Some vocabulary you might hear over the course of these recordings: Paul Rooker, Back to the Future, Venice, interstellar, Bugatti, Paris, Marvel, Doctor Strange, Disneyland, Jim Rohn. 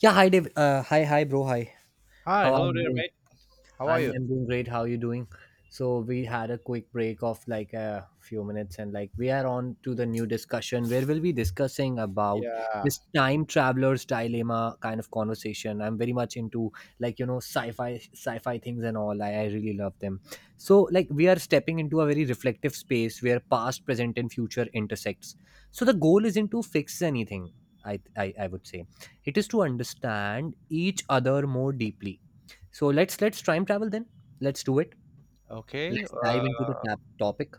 Yeah, hi Dave. Hi, bro. Hi. Hi, How are hello you there, doing? mate. How are I'm you? I'm doing great. How are you doing? So we had a quick break of like a few minutes, and like we are on to the new discussion where we'll be discussing about Yeah. this time traveler's dilemma kind of conversation. I'm very much into like sci-fi things and all. I really love them. So like we are stepping into a very reflective space where past, present, and future intersects. So the goal isn't to fix anything. I would say it is to understand each other more deeply. So let's time travel then. Let's do it. Okay. Let's dive into the tap topic.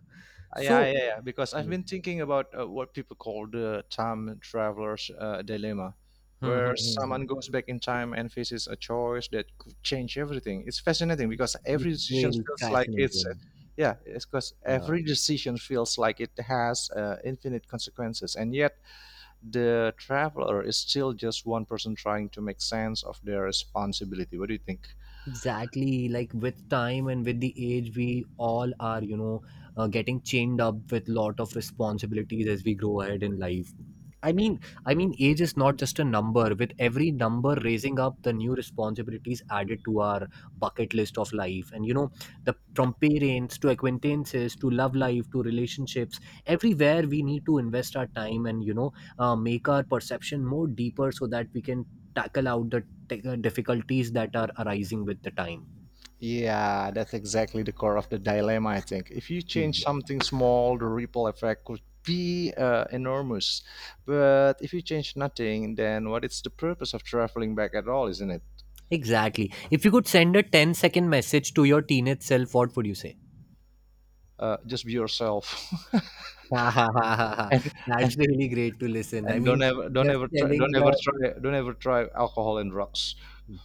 So yeah. Because I've Hmm, been thinking about what people call the time traveler's dilemma, hmm, hmm, where hmm, hmm. someone goes back in time and faces a choice that could change everything. It's fascinating because it's every decision really feels like it's, uh, fascinating. yeah, it's because Yeah, every decision feels like it has infinite consequences, and yet the traveler is still just one person trying to make sense of their responsibility. What do you think? exactly. Like with time and with the age, we all are getting chained up with lot of responsibilities as we grow ahead in life. I mean, age is not just a number. With every number raising up, the new responsibilities added to our bucket list of life, and the from parents to acquaintances to love life to relationships, everywhere we need to invest our time and make our perception more deeper so that we can tackle out the difficulties that are arising with the time. Yeah, that's exactly the core of the dilemma, I think. If you change Yeah. something small, the ripple effect could be enormous. But if you change nothing, then what is the purpose of traveling back at all, isn't it? Exactly. If you could send a ten-second message to your teenage self, what would you say? Just be yourself, Ha ha ha ha ha. and, and That's really great to listen. I and mean, just telling the don't ever try alcohol and drugs.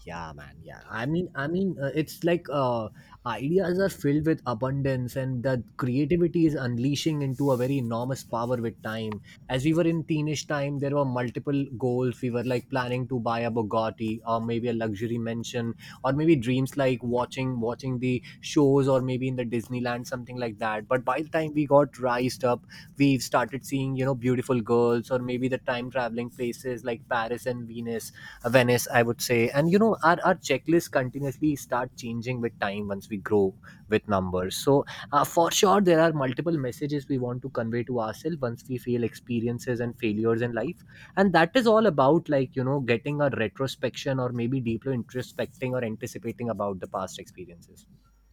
yeah, man. Yeah, it's like ideas are filled with abundance, and the creativity is unleashing into a very enormous power with time. As we were in teenage time, there were multiple goals. We were like planning to buy a Bugatti or maybe a luxury mansion, or maybe dreams like watching the shows or maybe in the Disneyland something like that. But by the time we got raised up, we've started seeing beautiful girls or maybe the time traveling places like Paris and Venus Venice, I would say. And you know, our checklists continuously start changing with time once we grow with numbers. So, for sure, there are multiple messages we want to convey to ourselves once we feel experiences and failures in life. And that is all about, like, you know, getting a retrospection or maybe deeply introspecting or anticipating about the past experiences.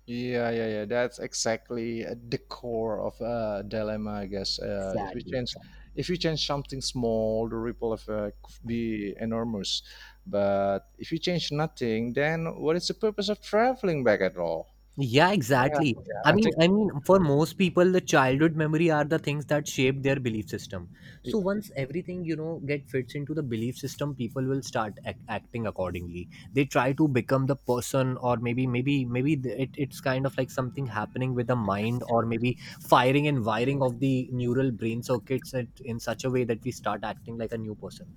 Yeah. That's exactly at the core of a dilemma, I guess. Exactly. If you change something small, the ripple effect could be enormous. But if you change nothing, then what is the purpose of traveling back at all? Yeah, Yeah, exactly. yeah. I I mean, think, I mean, for most people, the childhood memory are the things that shape their belief system. yeah, So once everything get fits into the belief system, people will start acting accordingly. They try to become the person, or maybe, it's kind of like something happening with the mind, or maybe firing and wiring of the neural brain circuits in such a way that we start acting like a new person.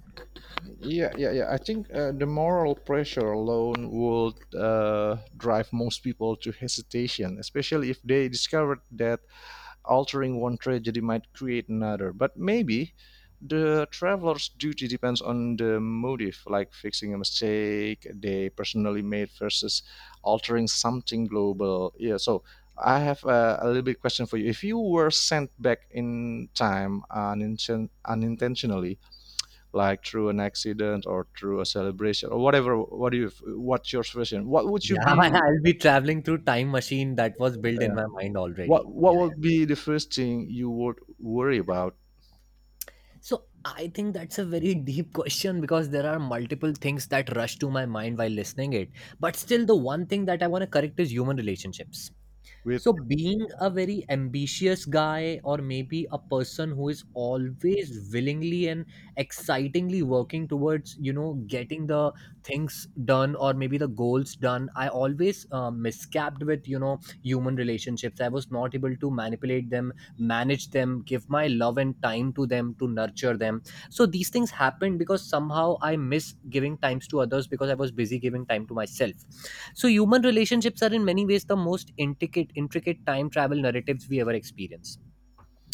yeah, yeah. yeah. I think the moral pressure alone would drive most people to hesitation, especially if they discovered that altering one tragedy might create another. But maybe the traveler's duty depends on the motive, like fixing a mistake they personally made versus altering something global. Yeah, so I have a little bit question for you. If you were sent back in time unintentionally, like through an accident or through a celebration or whatever, what do you? What's your version? What would you Yeah, be? I'll be traveling through time machine that was built in Uh, my mind already. What Yeah. would be the first thing you would worry about? So I think that's a very deep question because there are multiple things that rush to my mind while listening it. But still the one thing that I want to correct is human relationships. With So, being a very ambitious guy, or maybe a person who is always willingly and excitingly working towards, you know, getting the things done or maybe the goals done, I always miscapped with, you know, human relationships. I was not able to manipulate them, manage them, give my love and time to them to nurture them. So, these things happened because somehow I miss giving times to others because I was busy giving time to myself. So human relationships are in many ways the most intricate time travel narratives we ever experience.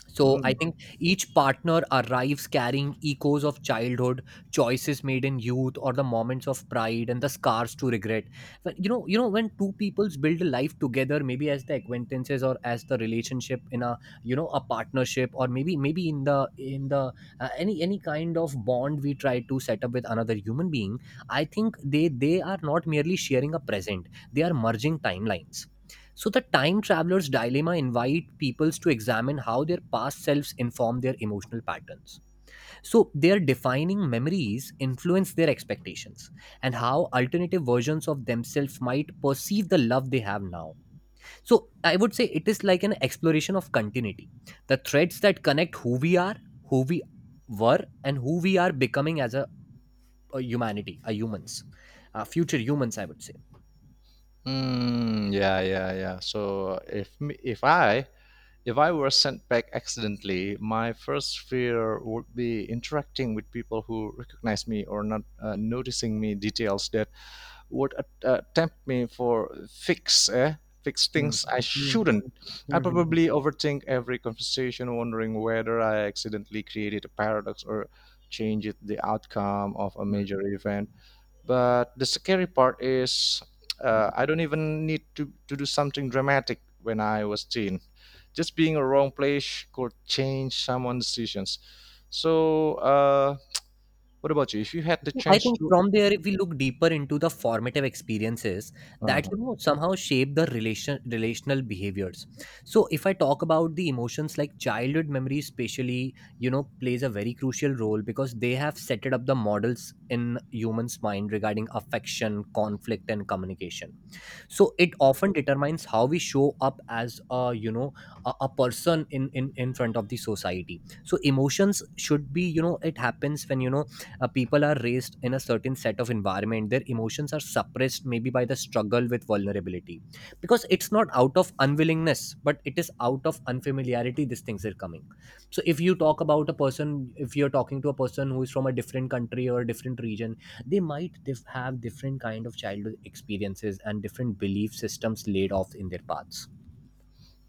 So I Mm. think each partner arrives carrying echoes of childhood, choices made in youth, or the moments of pride and the scars to regret. But you know, when two peoples build a life together, maybe as the acquaintances or as the relationship in a a partnership, or maybe in the any kind of bond we try to set up with another human being, I think they are not merely sharing a present; they are merging timelines. So, the time traveler's dilemma invite peoples to examine how their past selves inform their emotional patterns. So, their defining memories influence their expectations and how alternative versions of themselves might perceive the love they have now. So, I would say it is like an exploration of continuity, the threads that connect who we are, who we were, and who we are becoming as a humanity, a humans, future humans, I would say. Mm, yeah. So if I were sent back accidentally, my first fear would be interacting with people who recognize me or not noticing me details that would tempt me for fix Hmm. things I Hmm. shouldn't. Hmm. I Hmm. Hmm. probably overthink every conversation, wondering whether I accidentally created a paradox or changed the outcome of a Hmm. major event. But the scary part is I don't even need to do something dramatic when I was teen. Just being a wrong place could change someone's decisions. So, what about you? If you had the Yeah, I chance think to. from there, if we look deeper into the formative experiences that Uh-huh. you know somehow shape the relational behaviors. So if I talk about the emotions like childhood memories, especially you know plays a very crucial role because they have set it up the models in humans' mind regarding affection, conflict, and communication. So it often determines how we show up as a a person in front of the society. So emotions should be, you know, it happens when people are raised in a certain set of environment their emotions are suppressed maybe by the struggle with vulnerability because it's not out of unwillingness but it is out of unfamiliarity these things are coming. So if you talk about a person, if you're talking to a person who is from a different country or a different region, they might have different kind of childhood experiences and different belief systems laid off in their paths.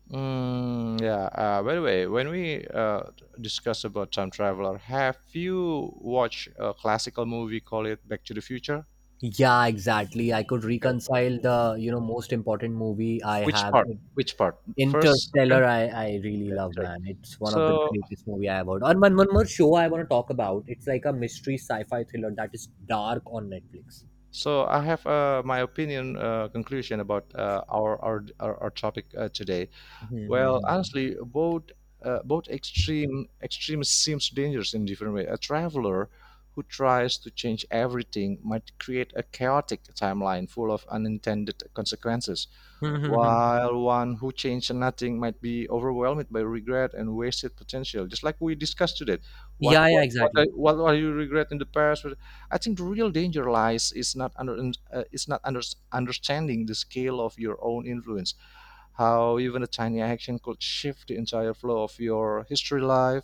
Mm, yeah. By the way, when we discuss about Time Traveler, have you watched a classical movie called it Back to the Future? Yeah, exactly. I could Okay. reconcile the you know most important movie I Which have. part? Which part? First, Interstellar, second, I really okay, the love, third. man. It's one of the So greatest movie I have heard. And one more show I want to talk about, it's like a mystery sci-fi thriller that is Dark on Netflix. So I have my opinion conclusion about our topic today. Hmm, hmm, Well, hmm. honestly, both extremes seems dangerous in different way. A traveler who tries to change everything might create a chaotic timeline full of unintended consequences, Hmm, hmm, hmm. while one who changed nothing might be overwhelmed by regret and wasted potential just like we discussed today. Yeah yeah exactly. What are you regret in the past? I think the real danger lies is not under, understanding the scale of your own influence, how even a tiny action could shift the entire flow of your history life.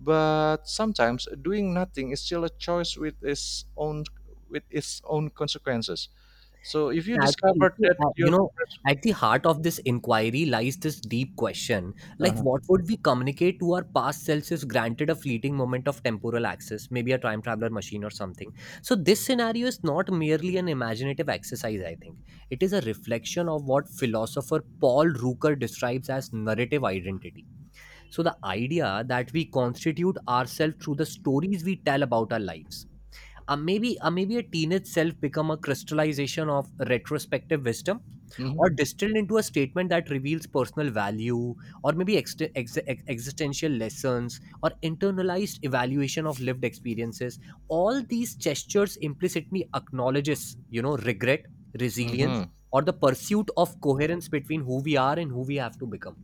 But sometimes doing nothing is still a choice with its own, with its own consequences. So if you Exactly. discovered So, that you your know, at the heart of this inquiry lies this deep question, like, uh. what would we communicate to our past selves if granted a fleeting moment of temporal access, maybe a time traveler machine or something? So, this scenario is not merely an imaginative exercise, I think. It is a reflection of what philosopher Paul Rooker describes as narrative identity. So, the idea that we constitute ourselves through the stories we tell about our lives. Maybe a teen itself become a crystallization of retrospective wisdom, or distilled into a statement that reveals personal value, or maybe existential lessons or internalized evaluation of lived experiences. All these gestures implicitly acknowledges you know regret, resilience, Mm-hmm. or the pursuit of coherence between who we are and who we have to become.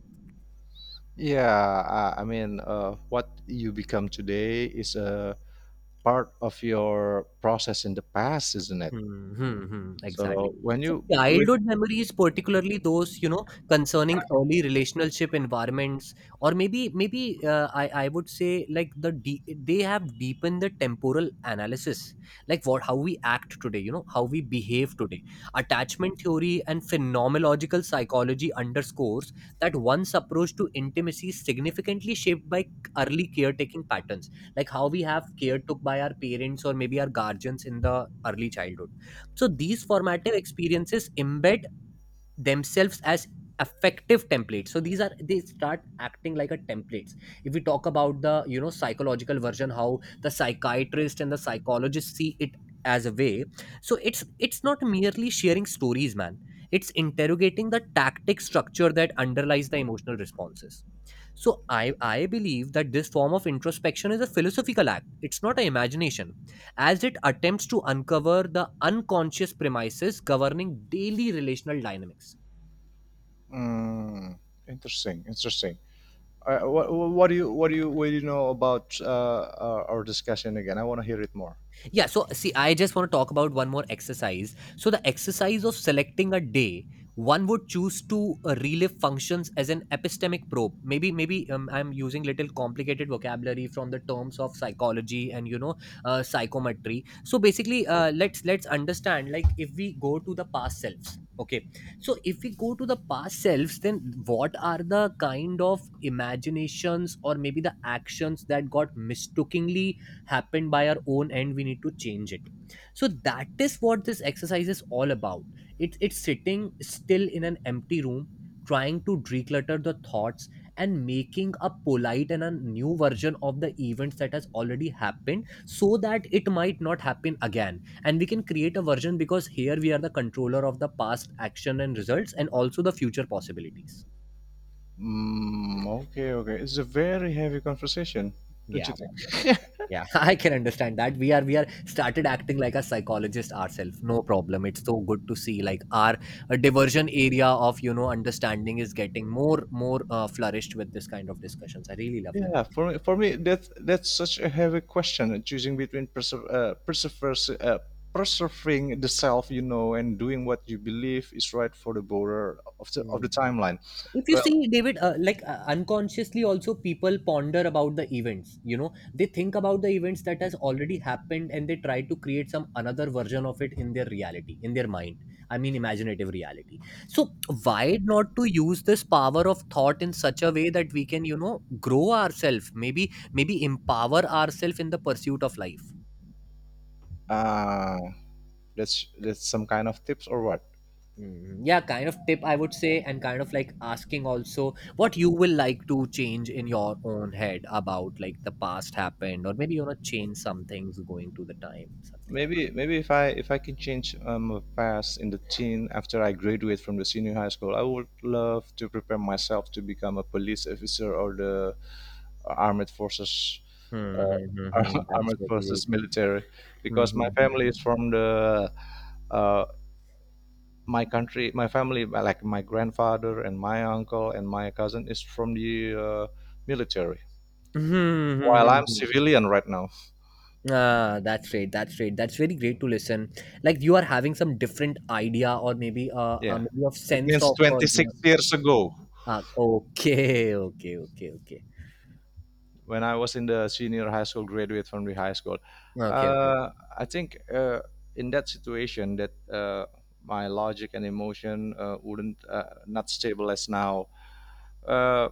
Yeah, I mean, what you become today is a part of your process in the past, isn't it? Exactly. So when So you, when, childhood memories, particularly those, you know, concerning early relationship environments, or maybe, I would say like they have deepened the temporal analysis, like what how we act today, you know, how we behave today. Attachment theory and phenomenological psychology underscores that one's approach to intimacy is significantly shaped by early caretaking patterns, like how we have care took by our parents or maybe our guardians in the early childhood. So these formative experiences embed themselves as effective templates. So these are they start acting like a templates. If we talk about the you know psychological version how the psychiatrist and the psychologist see it as a way. So it's not merely sharing stories, man, it's interrogating the tactic structure that underlies the emotional responses. So I believe that this form of introspection is a philosophical act, it's not an imagination, as it attempts to uncover the unconscious premises governing daily relational dynamics. mm, interesting, interesting. What do you know about our discussion again? I want to hear it more. Yeah, so see, I just want to talk about one more exercise. So, the exercise of selecting a day, one would choose to relive functions as an epistemic probe. Maybe, maybe I'm using little complicated vocabulary from the terms of psychology and psychometry. So, basically, let's understand. Like, if we go to the past selves, okay. So, if we go to the past selves, then what are the kind of imaginations or maybe the actions that got mistookingly happened by our own end, we need to change it. So that is what this exercise is all about. It's sitting still in an empty room, trying to declutter the thoughts, and making a polite and a new version of the events that has already happened so that it might not happen again, and we can create a version because here we are the controller of the past action and results and also the future possibilities. Mm, okay, okay. It's a very heavy conversation, don't Yeah. you think? Yeah, I can understand that. We are started acting like a psychologist ourselves. No problem. It's so good to see like our diversion area of understanding is getting more flourished with this kind of discussions. I really love them. Yeah, for me that that's such a heavy question. Choosing between preserving the self, you know, and doing what you believe is right for the border of the of Hmm. the timeline. If you Well, see David, like unconsciously also, people ponder about the events, you know, they think about the events that has already happened, and they try to create some another version of it in their reality, in their mind. I mean imaginative reality. So why not to use this power of thought in such a way that we can, you know, grow ourselves, maybe empower ourselves in the pursuit of life. uh, that's some kind of tips or what? Mm, yeah, kind of tip I would say, and kind of like asking also what you will like to change in your own head about like the past happened, or maybe you want to change some things going to the time, something like Maybe maybe if I can change my past in the teen after I graduate from the senior high school, I would love to prepare myself to become a police officer or the armed forces. uh, that. Mm-hmm, that's Armed really. forces military, because my family Mm-hmm. is from the uh, my country my family like my grandfather and my uncle and my cousin is from the military, Mm-hmm. while I'm Mm-hmm. civilian right now. Ah, that's great. That's great. That's very great to listen. Like you are having some different idea, or maybe Yeah, maybe of it sense means of you know, 26 years ago okay, okay, okay, okay. when I was in the senior high school, graduate from the high school. Okay, okay. uh, I think in that situation that my logic and emotion wouldn't not stable as now. uh,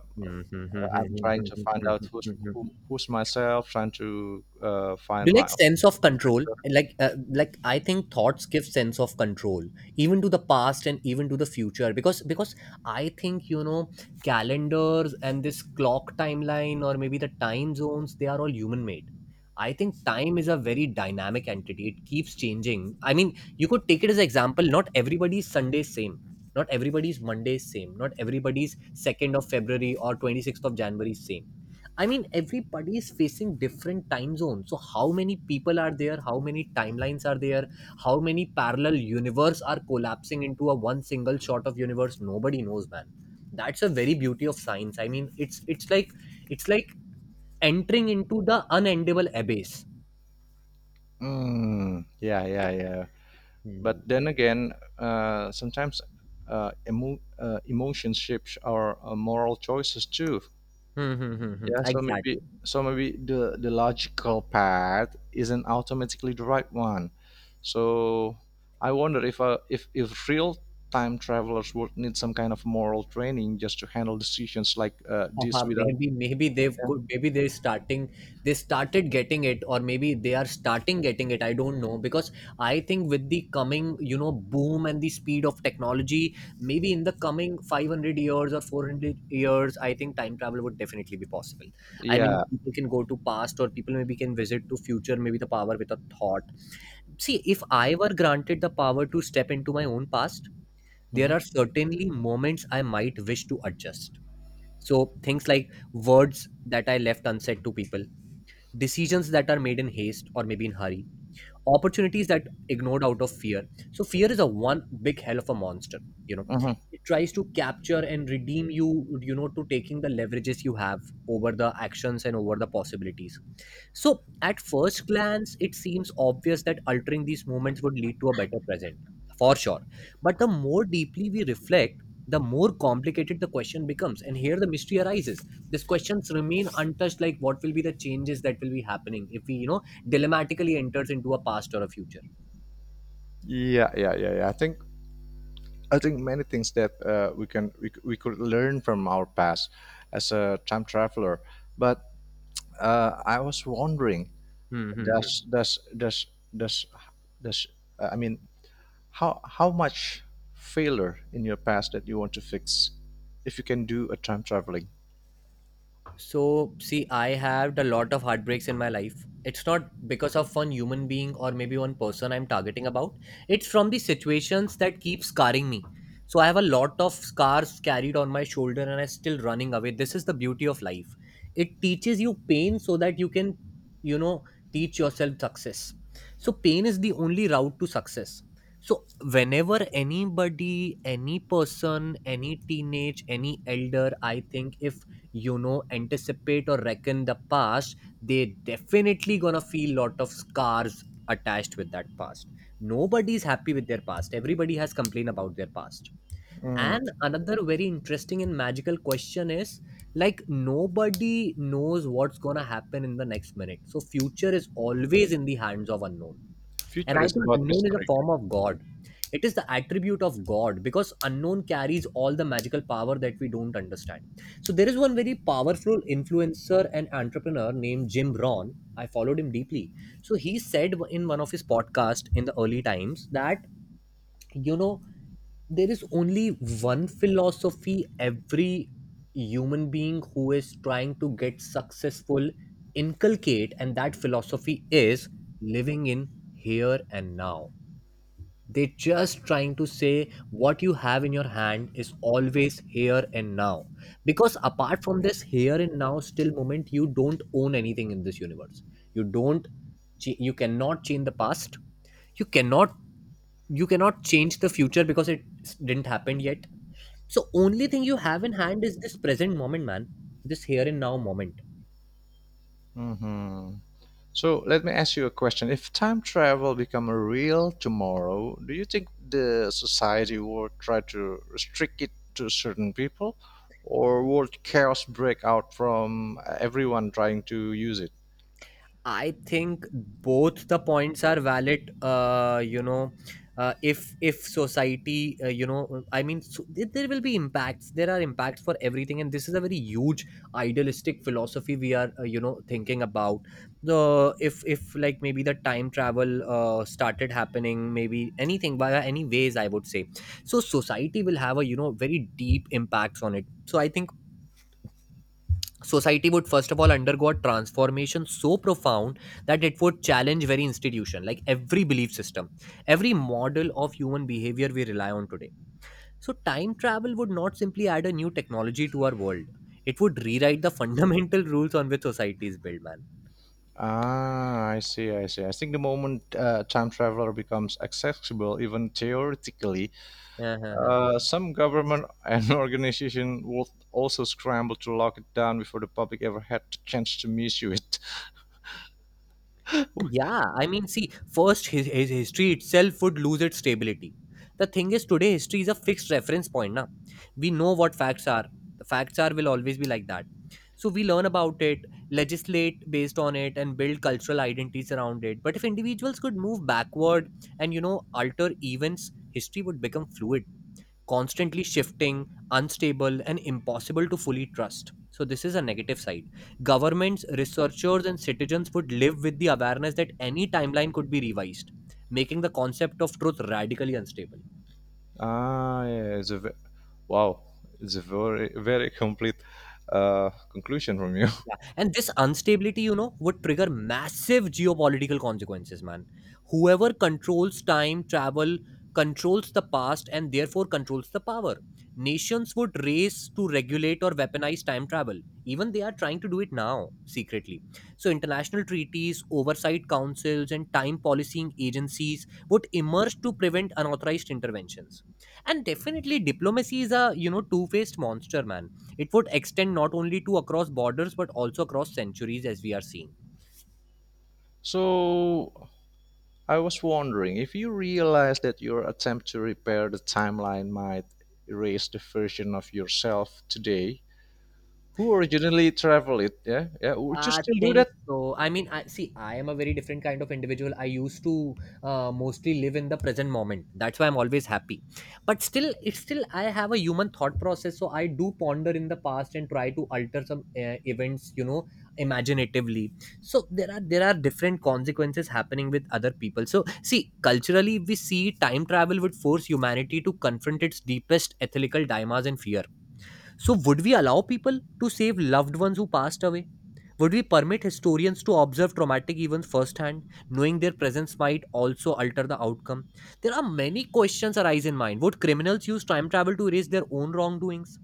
I'm trying to find out who's myself, trying to Do find you like my own. sense of control, like uh, like I think thoughts give sense of control even to the past and even to the future? Because I think, you know, calendars and this clock timeline or maybe the time zones, they are all human made. I think time is a very dynamic entity. It keeps changing. I mean, you could take it as an example, not everybody's Sunday is same, not everybody's Monday is same, not everybody's 2nd of February or 26th of January is same. I mean, everybody is facing different time zones. So, how many people are there? How many timelines are there? How many parallel universe are collapsing into a one single shot of universe? Nobody knows, man. That's a very beauty of science. I mean, it's like it's like entering into the unendable abyss. Mm, yeah. Hmm. But then again, sometimes emotions shapes our moral choices too. Hmm, hmm, hmm, hmm. Yeah, Exactly. So maybe the logical path isn't automatically the right one. So I wonder if if real time travelers would need some kind of moral training just to handle decisions like this Haha, without maybe maybe they've yeah. could maybe they're starting they started getting it, or maybe they are starting getting it, I don't know, because I think with the coming, you know, boom and the speed of technology, maybe in the coming 500 years or 400 years, I think time travel would definitely be possible. I mean Yeah. people can go to past, or people maybe can visit to future, maybe the power with a thought. See, if I were granted the power to step into my own past, there are Mhm. certainly moments I might wish to adjust, so things like words that I left unsaid to people, decisions that are made in haste or maybe in hurry, opportunities that ignored out of fear. So fear is a one big hell of a monster, you know. Hmm. It tries to capture and redeem you, you know, to taking the leverages you have over the actions and over the possibilities. So, at first glance, it seems obvious that altering these moments would lead to a better present, for sure. But the more deeply we reflect, the more complicated the question becomes. And here the mystery arises. These questions remain untouched, like what will be the changes that will be happening if we, you know, dilemmatically enters into a past or a future. Yeah. I think many things that we can we, c- we could learn from our past as a time traveler. But I was wondering, Hmm, hmm, hmm. does does does does does I mean how much failure in your past that you want to fix if you can do a time traveling? So, see, I have a lot of heartbreaks in my life. It's not because of one human being or maybe one person I'm targeting about. It's from the situations that keep scarring me. So, I have a lot of scars carried on my shoulder and I'm still running away. This is the beauty of life. It teaches you pain so that you can, you know, teach yourself success. So, pain is the only route to success. So, whenever anybody, any person, any teenage, any elder, I think if you know anticipate or reckon the past, they definitely gonna feel lot of scars attached with that past. Nobody's happy with their past. Everybody has complained about their past. And Mm. another very interesting and magical question is, like nobody knows what's gonna happen in the next minute, so future is always in the hands of unknown. And Future I is think about unknown is a mystery. form of God. It is the attribute of God because unknown carries all the magical power that we don't understand. So there is one very powerful influencer and entrepreneur named Jim Rohn. I followed him deeply. So he said in one of his podcasts in the early times that, you know, there is only one philosophy every human being who is trying to get successful inculcate, and that philosophy is living in here and now. They're just trying to say what you have in your hand is always here and now. Because apart from this here and now still moment, you don't own anything in this universe. You don't, you cannot change the past. You cannot, you cannot change the future because didn't happen yet. So only thing you have in hand is this present moment, man. This here and now moment. Hmm. So let me ask you a question. If time travel become a real tomorrow, do you think the society will try to restrict it to certain people or would chaos break out from everyone trying to use it? I think both the points are valid. You know, if society, you know, I mean, so, there will be impacts. There are impacts for everything, and this is a very huge idealistic philosophy we are, you know, thinking about. The if like maybe the time travel started happening, maybe anything via any ways, I would say. So society will have a, you know, very deep impacts on it. So I think society would first of all undergo a transformation so profound that it would challenge very institution, like every belief system, every model of human behavior we rely on today. So time travel would not simply add a new technology to our world, it would rewrite the fundamental rules on which society is built, man. Ah, I see, I see. I think the moment time traveler becomes accessible, even theoretically, some government and organization would also scramble to lock it down before the public ever had the chance to misuse it. Yeah, I mean, see, first, his history itself would lose its stability. The thing is, today history is a fixed reference point. Na, we know what facts are. The facts are will always be like that. So we learn about it, legislate based on it, and build cultural identities around it. But if individuals could move backward and, you know, alter events, history would become fluid, constantly shifting, unstable, and impossible to fully trust. So, this is a negative side. Governments, researchers, and citizens would live with the awareness that any timeline could be revised, making the concept of truth radically unstable. Ah, yeah, it's a ve- wow, it's a very very complete conclusion from you. Yeah, and this instability, you know, would trigger massive geopolitical consequences, man. Whoever controls time travel controls the past, and therefore controls the power. Nations would race to regulate or weaponize time travel. Even they are trying to do it now, secretly. So, international treaties, oversight councils, and time policying agencies would emerge to prevent unauthorized interventions. And definitely, diplomacy is a, you know, two faced monster, man. It would extend not only to across borders but also across centuries, as we are seeing. So I was wondering if you realize that your attempt to repair the timeline might erase the version of yourself today who originally traveled it. Yeah, yeah. Would you I still do think that? so. I mean, I see. I am a very different kind of individual. I used to mostly live in the present moment. That's why I'm always happy. But still, it's still I have a human thought process, so I do ponder in the past and try to alter some events, you know, imaginatively. So there are different consequences happening with other people. So see, culturally, we see time travel would force humanity to confront its deepest ethical dilemmas and fear. So, would we allow people to save loved ones who passed away? Would we permit historians to observe traumatic events firsthand, knowing their presence might also alter the outcome? There are many questions arise in mind. Would criminals use time travel to erase their own wrongdoings?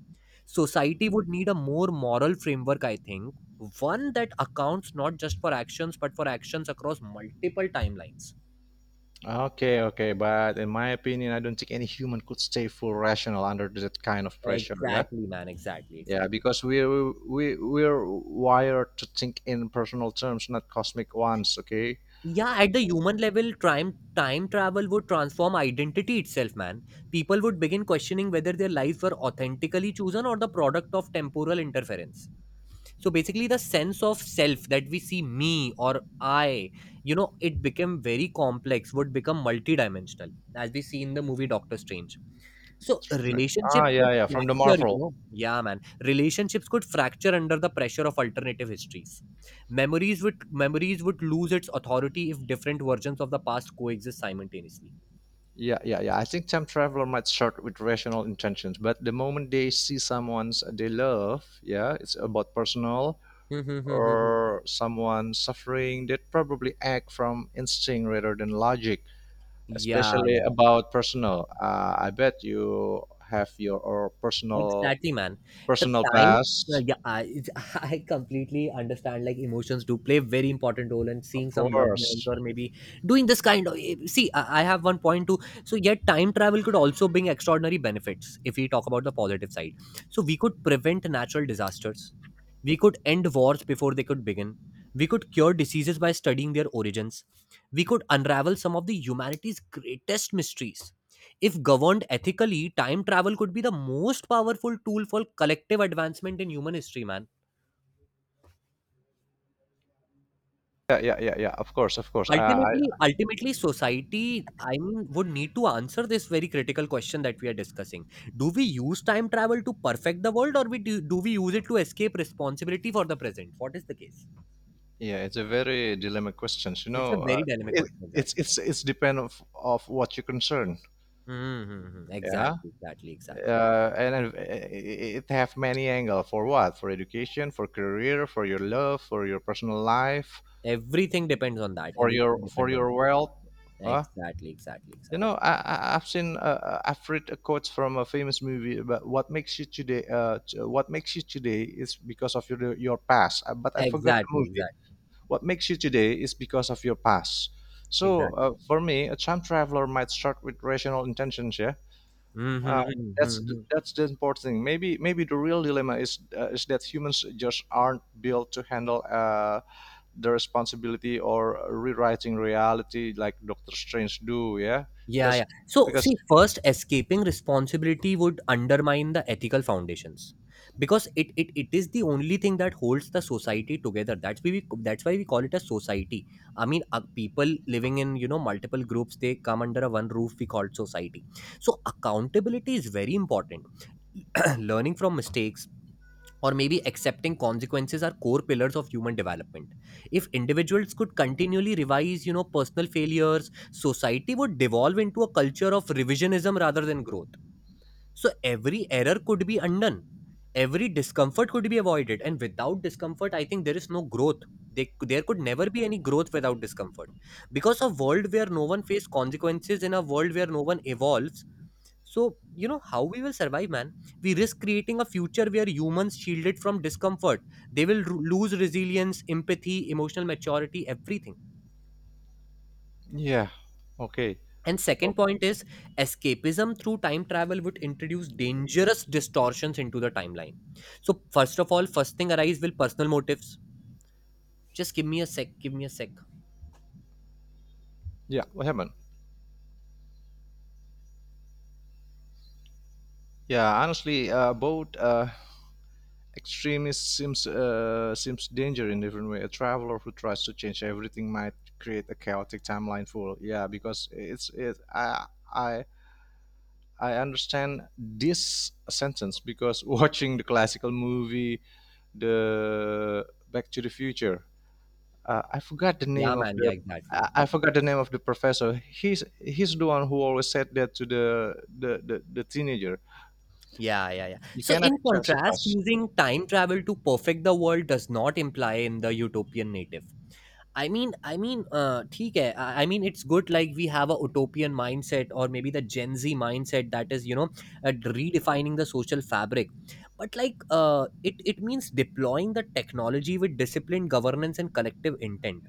Society would need a more moral framework, I think, one that accounts not just for actions but for actions across multiple timelines. Okay, okay. But in my opinion, I don't think any human could stay full rational under that kind of pressure. Yeah. Exactly, man. Exactly, Yeah, exactly. because we we're wired to think in personal terms, not cosmic ones. Okay. Yeah, at the human level, time travel would transform identity itself, man. People would begin questioning whether their lives were authentically chosen or the product of temporal interference. So basically, the sense of self that we see, me or I, you know, it became very complex, would become multidimensional, as we see in the movie Doctor Strange. So Right. Ah, relationships could yeah, yeah, from the fracture, you Marvel. know. Yeah, man. Relationships could fracture under the pressure of alternative histories. Memories would lose its authority if different versions of the past coexist simultaneously. Yeah, yeah, yeah, I think time traveler might start with rational intentions, but the moment they see someone's they love, yeah, it's about personal Hmm, hmm, hmm, hmm, hmm. or someone suffering, they probably act from instinct rather than logic, Yeah, especially about personal. I bet you have your or exactly, man. The personal time, past, yeah, it's- I completely understand. Like emotions do play very important role, and of seeing some loved ones course. or maybe doing this kind of. Eh, see, I have one point too. So, yet time travel could also bring extraordinary benefits if we talk about the positive side. So, we could prevent natural disasters. We could end wars before they could begin. We could cure diseases by studying their origins. We could unravel some of the humanity's greatest mysteries. If governed ethically, time travel could be the most powerful tool for collective advancement in human history, man. Yeah. Of course, of course. Ultimately, society, I mean, would need to answer this very critical question that we are discussing. Do we use time travel to perfect the world, or do we use it to escape responsibility for the present? What is the case? Yeah, it's a very dilemma questions. You It's a know, very dynamic question, it's exactly. it's depend of what you concern. Mm-hmm. Yeah, Exactly, exactly, exactly. And it it have many angle for what? For education, for career, for your love, for your personal life, Everything depends on that. Everything for depends on your that. wealth. Uh, Exactly, exactly, you exactly. know, I've seen I've read a quote from a famous movie about what makes you today. What makes you today is because of your past. But I forgot the Exactly, movie. exactly, What makes you today is because of your past. So exactly. For me, a time traveler might start with rational intentions. Yeah, uh, Mhm, that's mhm. that's the important thing. Maybe maybe the real dilemma is that humans just aren't built to handle the responsibility or rewriting reality like Doctor Strange do. Yeah, Yeah, because yeah. So, because see, first, escaping responsibility would undermine the ethical foundations because it is the only thing that holds the society together. That's why we call it a society. I mean, people living in, you know, multiple groups, they come under a one roof. We call it society. So, accountability is very important. Learning from mistakes or maybe accepting consequences are core pillars of human development. If individuals could continually revise, you know, personal failures, society would devolve into a culture of revisionism rather than growth. So every error could be undone, every discomfort could be avoided, and without discomfort, I think there is no growth. There could never be any growth without discomfort, because a world where no one faces consequences in a world where no one evolves. So, you know, how we will survive, man? We risk creating a future where humans shielded from discomfort. They will lose resilience, empathy, emotional maturity, everything. yeah, okay, And second point is escapism through time travel would introduce dangerous distortions into the timeline. So, first of all, first thing arise will personal motives. Just give me a sec, give me a sec. yeah. What happened? Yeah, honestly, both extremist seems seems danger in different way. A traveler who tries to change everything might create a chaotic timeline full. Yeah, because it's it. I I understand this sentence because watching the classical movie, the Back to the Future. Uh, I forgot the Yeah, name of man. Yeah, the exactly, I exactly. forgot the name of the professor. He's the one who always said that to the teenager. Yeah, yeah, yeah. You So, cannot in change the contrast, past. using time travel to perfect the world does not imply in the utopian native. ठीक है. I mean, it's good. Like we have a utopian mindset, or maybe the Gen Z mindset that is, you know, uh, redefining the social fabric. But like, it means deploying the technology with disciplined governance and collective intent.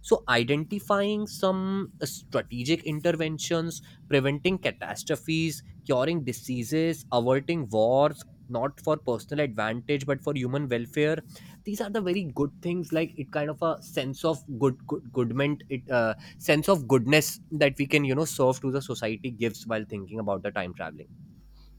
So identifying some strategic interventions, preventing catastrophes, curing diseases, averting wars, not for personal advantage but for human welfare. These are the very good things, like it kind of a sense of good goodment, it sense of goodness that we can, you know, serve to the society gives while thinking about the time traveling.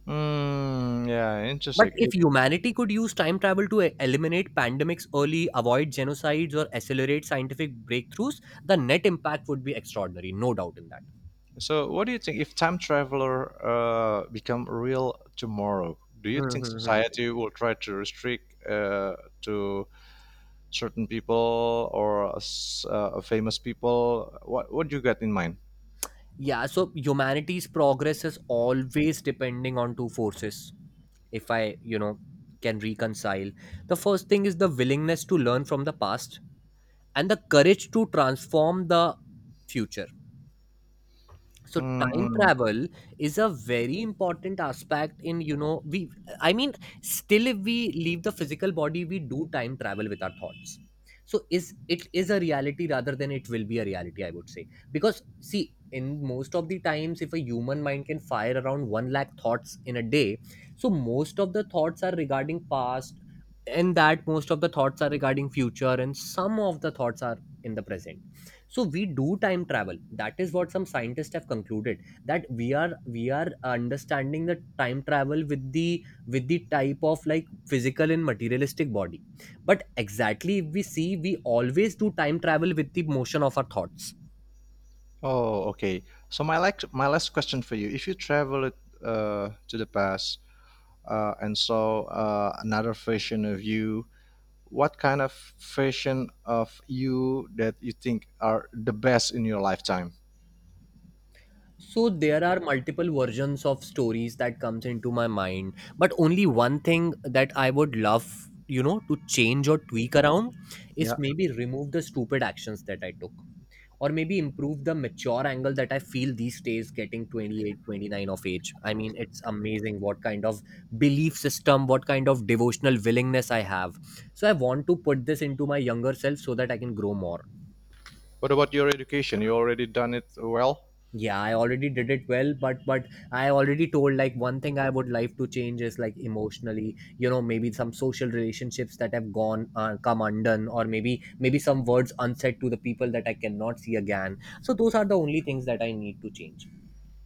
Mm, yeah, But if interesting. humanity could use time travel to eliminate pandemics early, avoid genocides, or accelerate scientific breakthroughs, the net impact would be extraordinary, no doubt in that. So, what do you think if time traveler become real tomorrow? Do you Hmm, think hmm, hmm. society will try to restrict to certain people or famous people? What do you got in mind? Yeah, so humanity's progress is always depending on two forces, if I, you know, can reconcile. The first thing is the willingness to learn from the past and the courage to transform the future. So time Mm, travel is a very important aspect in, you know, we, I mean, still if we leave the physical body, we do time travel with our thoughts. So is it, is a reality rather than it will be a reality, I would say, because see, in most of the times, if a human mind can fire around 1 lakh thoughts in a day, so most of the thoughts are regarding past, and that most of the thoughts are regarding future, and some of the thoughts are in the present. So we do time travel, that is what some scientists have concluded, that we are understanding the time travel with the type of like physical and materialistic body. But exactly, if we see, we always do time travel with the motion of our thoughts. oh, okay. So my like my last question for you: If you travel to the past, another version of you, what kind of version of you that you think are the best in your lifetime? So there are multiple versions of stories that comes into my mind, but only one thing that I would love, you know, to change or tweak around Yeah. is maybe remove the stupid actions that I took, or maybe improve the mature angle that I feel these days. Getting 28, 29 of age, I mean, it's amazing what kind of belief system, what kind of devotional willingness I have. So I want to put this into my younger self, so that I can grow more. What about your education? You already done it well? Yeah, I already did it well, but I already told, like, one thing I would like to change is, like, emotionally, you know, maybe some social relationships that have gone, come undone, or maybe some words unsaid to the people that I cannot see again. So those are the only things that I need to change.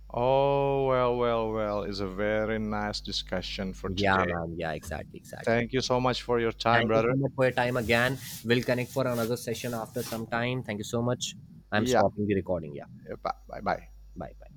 Oh, well, well, well. It's a very nice discussion for Yeah, today. man. Yeah, exactly, exactly. Thank you so much for your time, Thank you so brother. much for your time again. We'll connect for another session after some time. Thank you so much. I'm Yeah. stopping the recording. Yeah. Bye bye. Bye bye.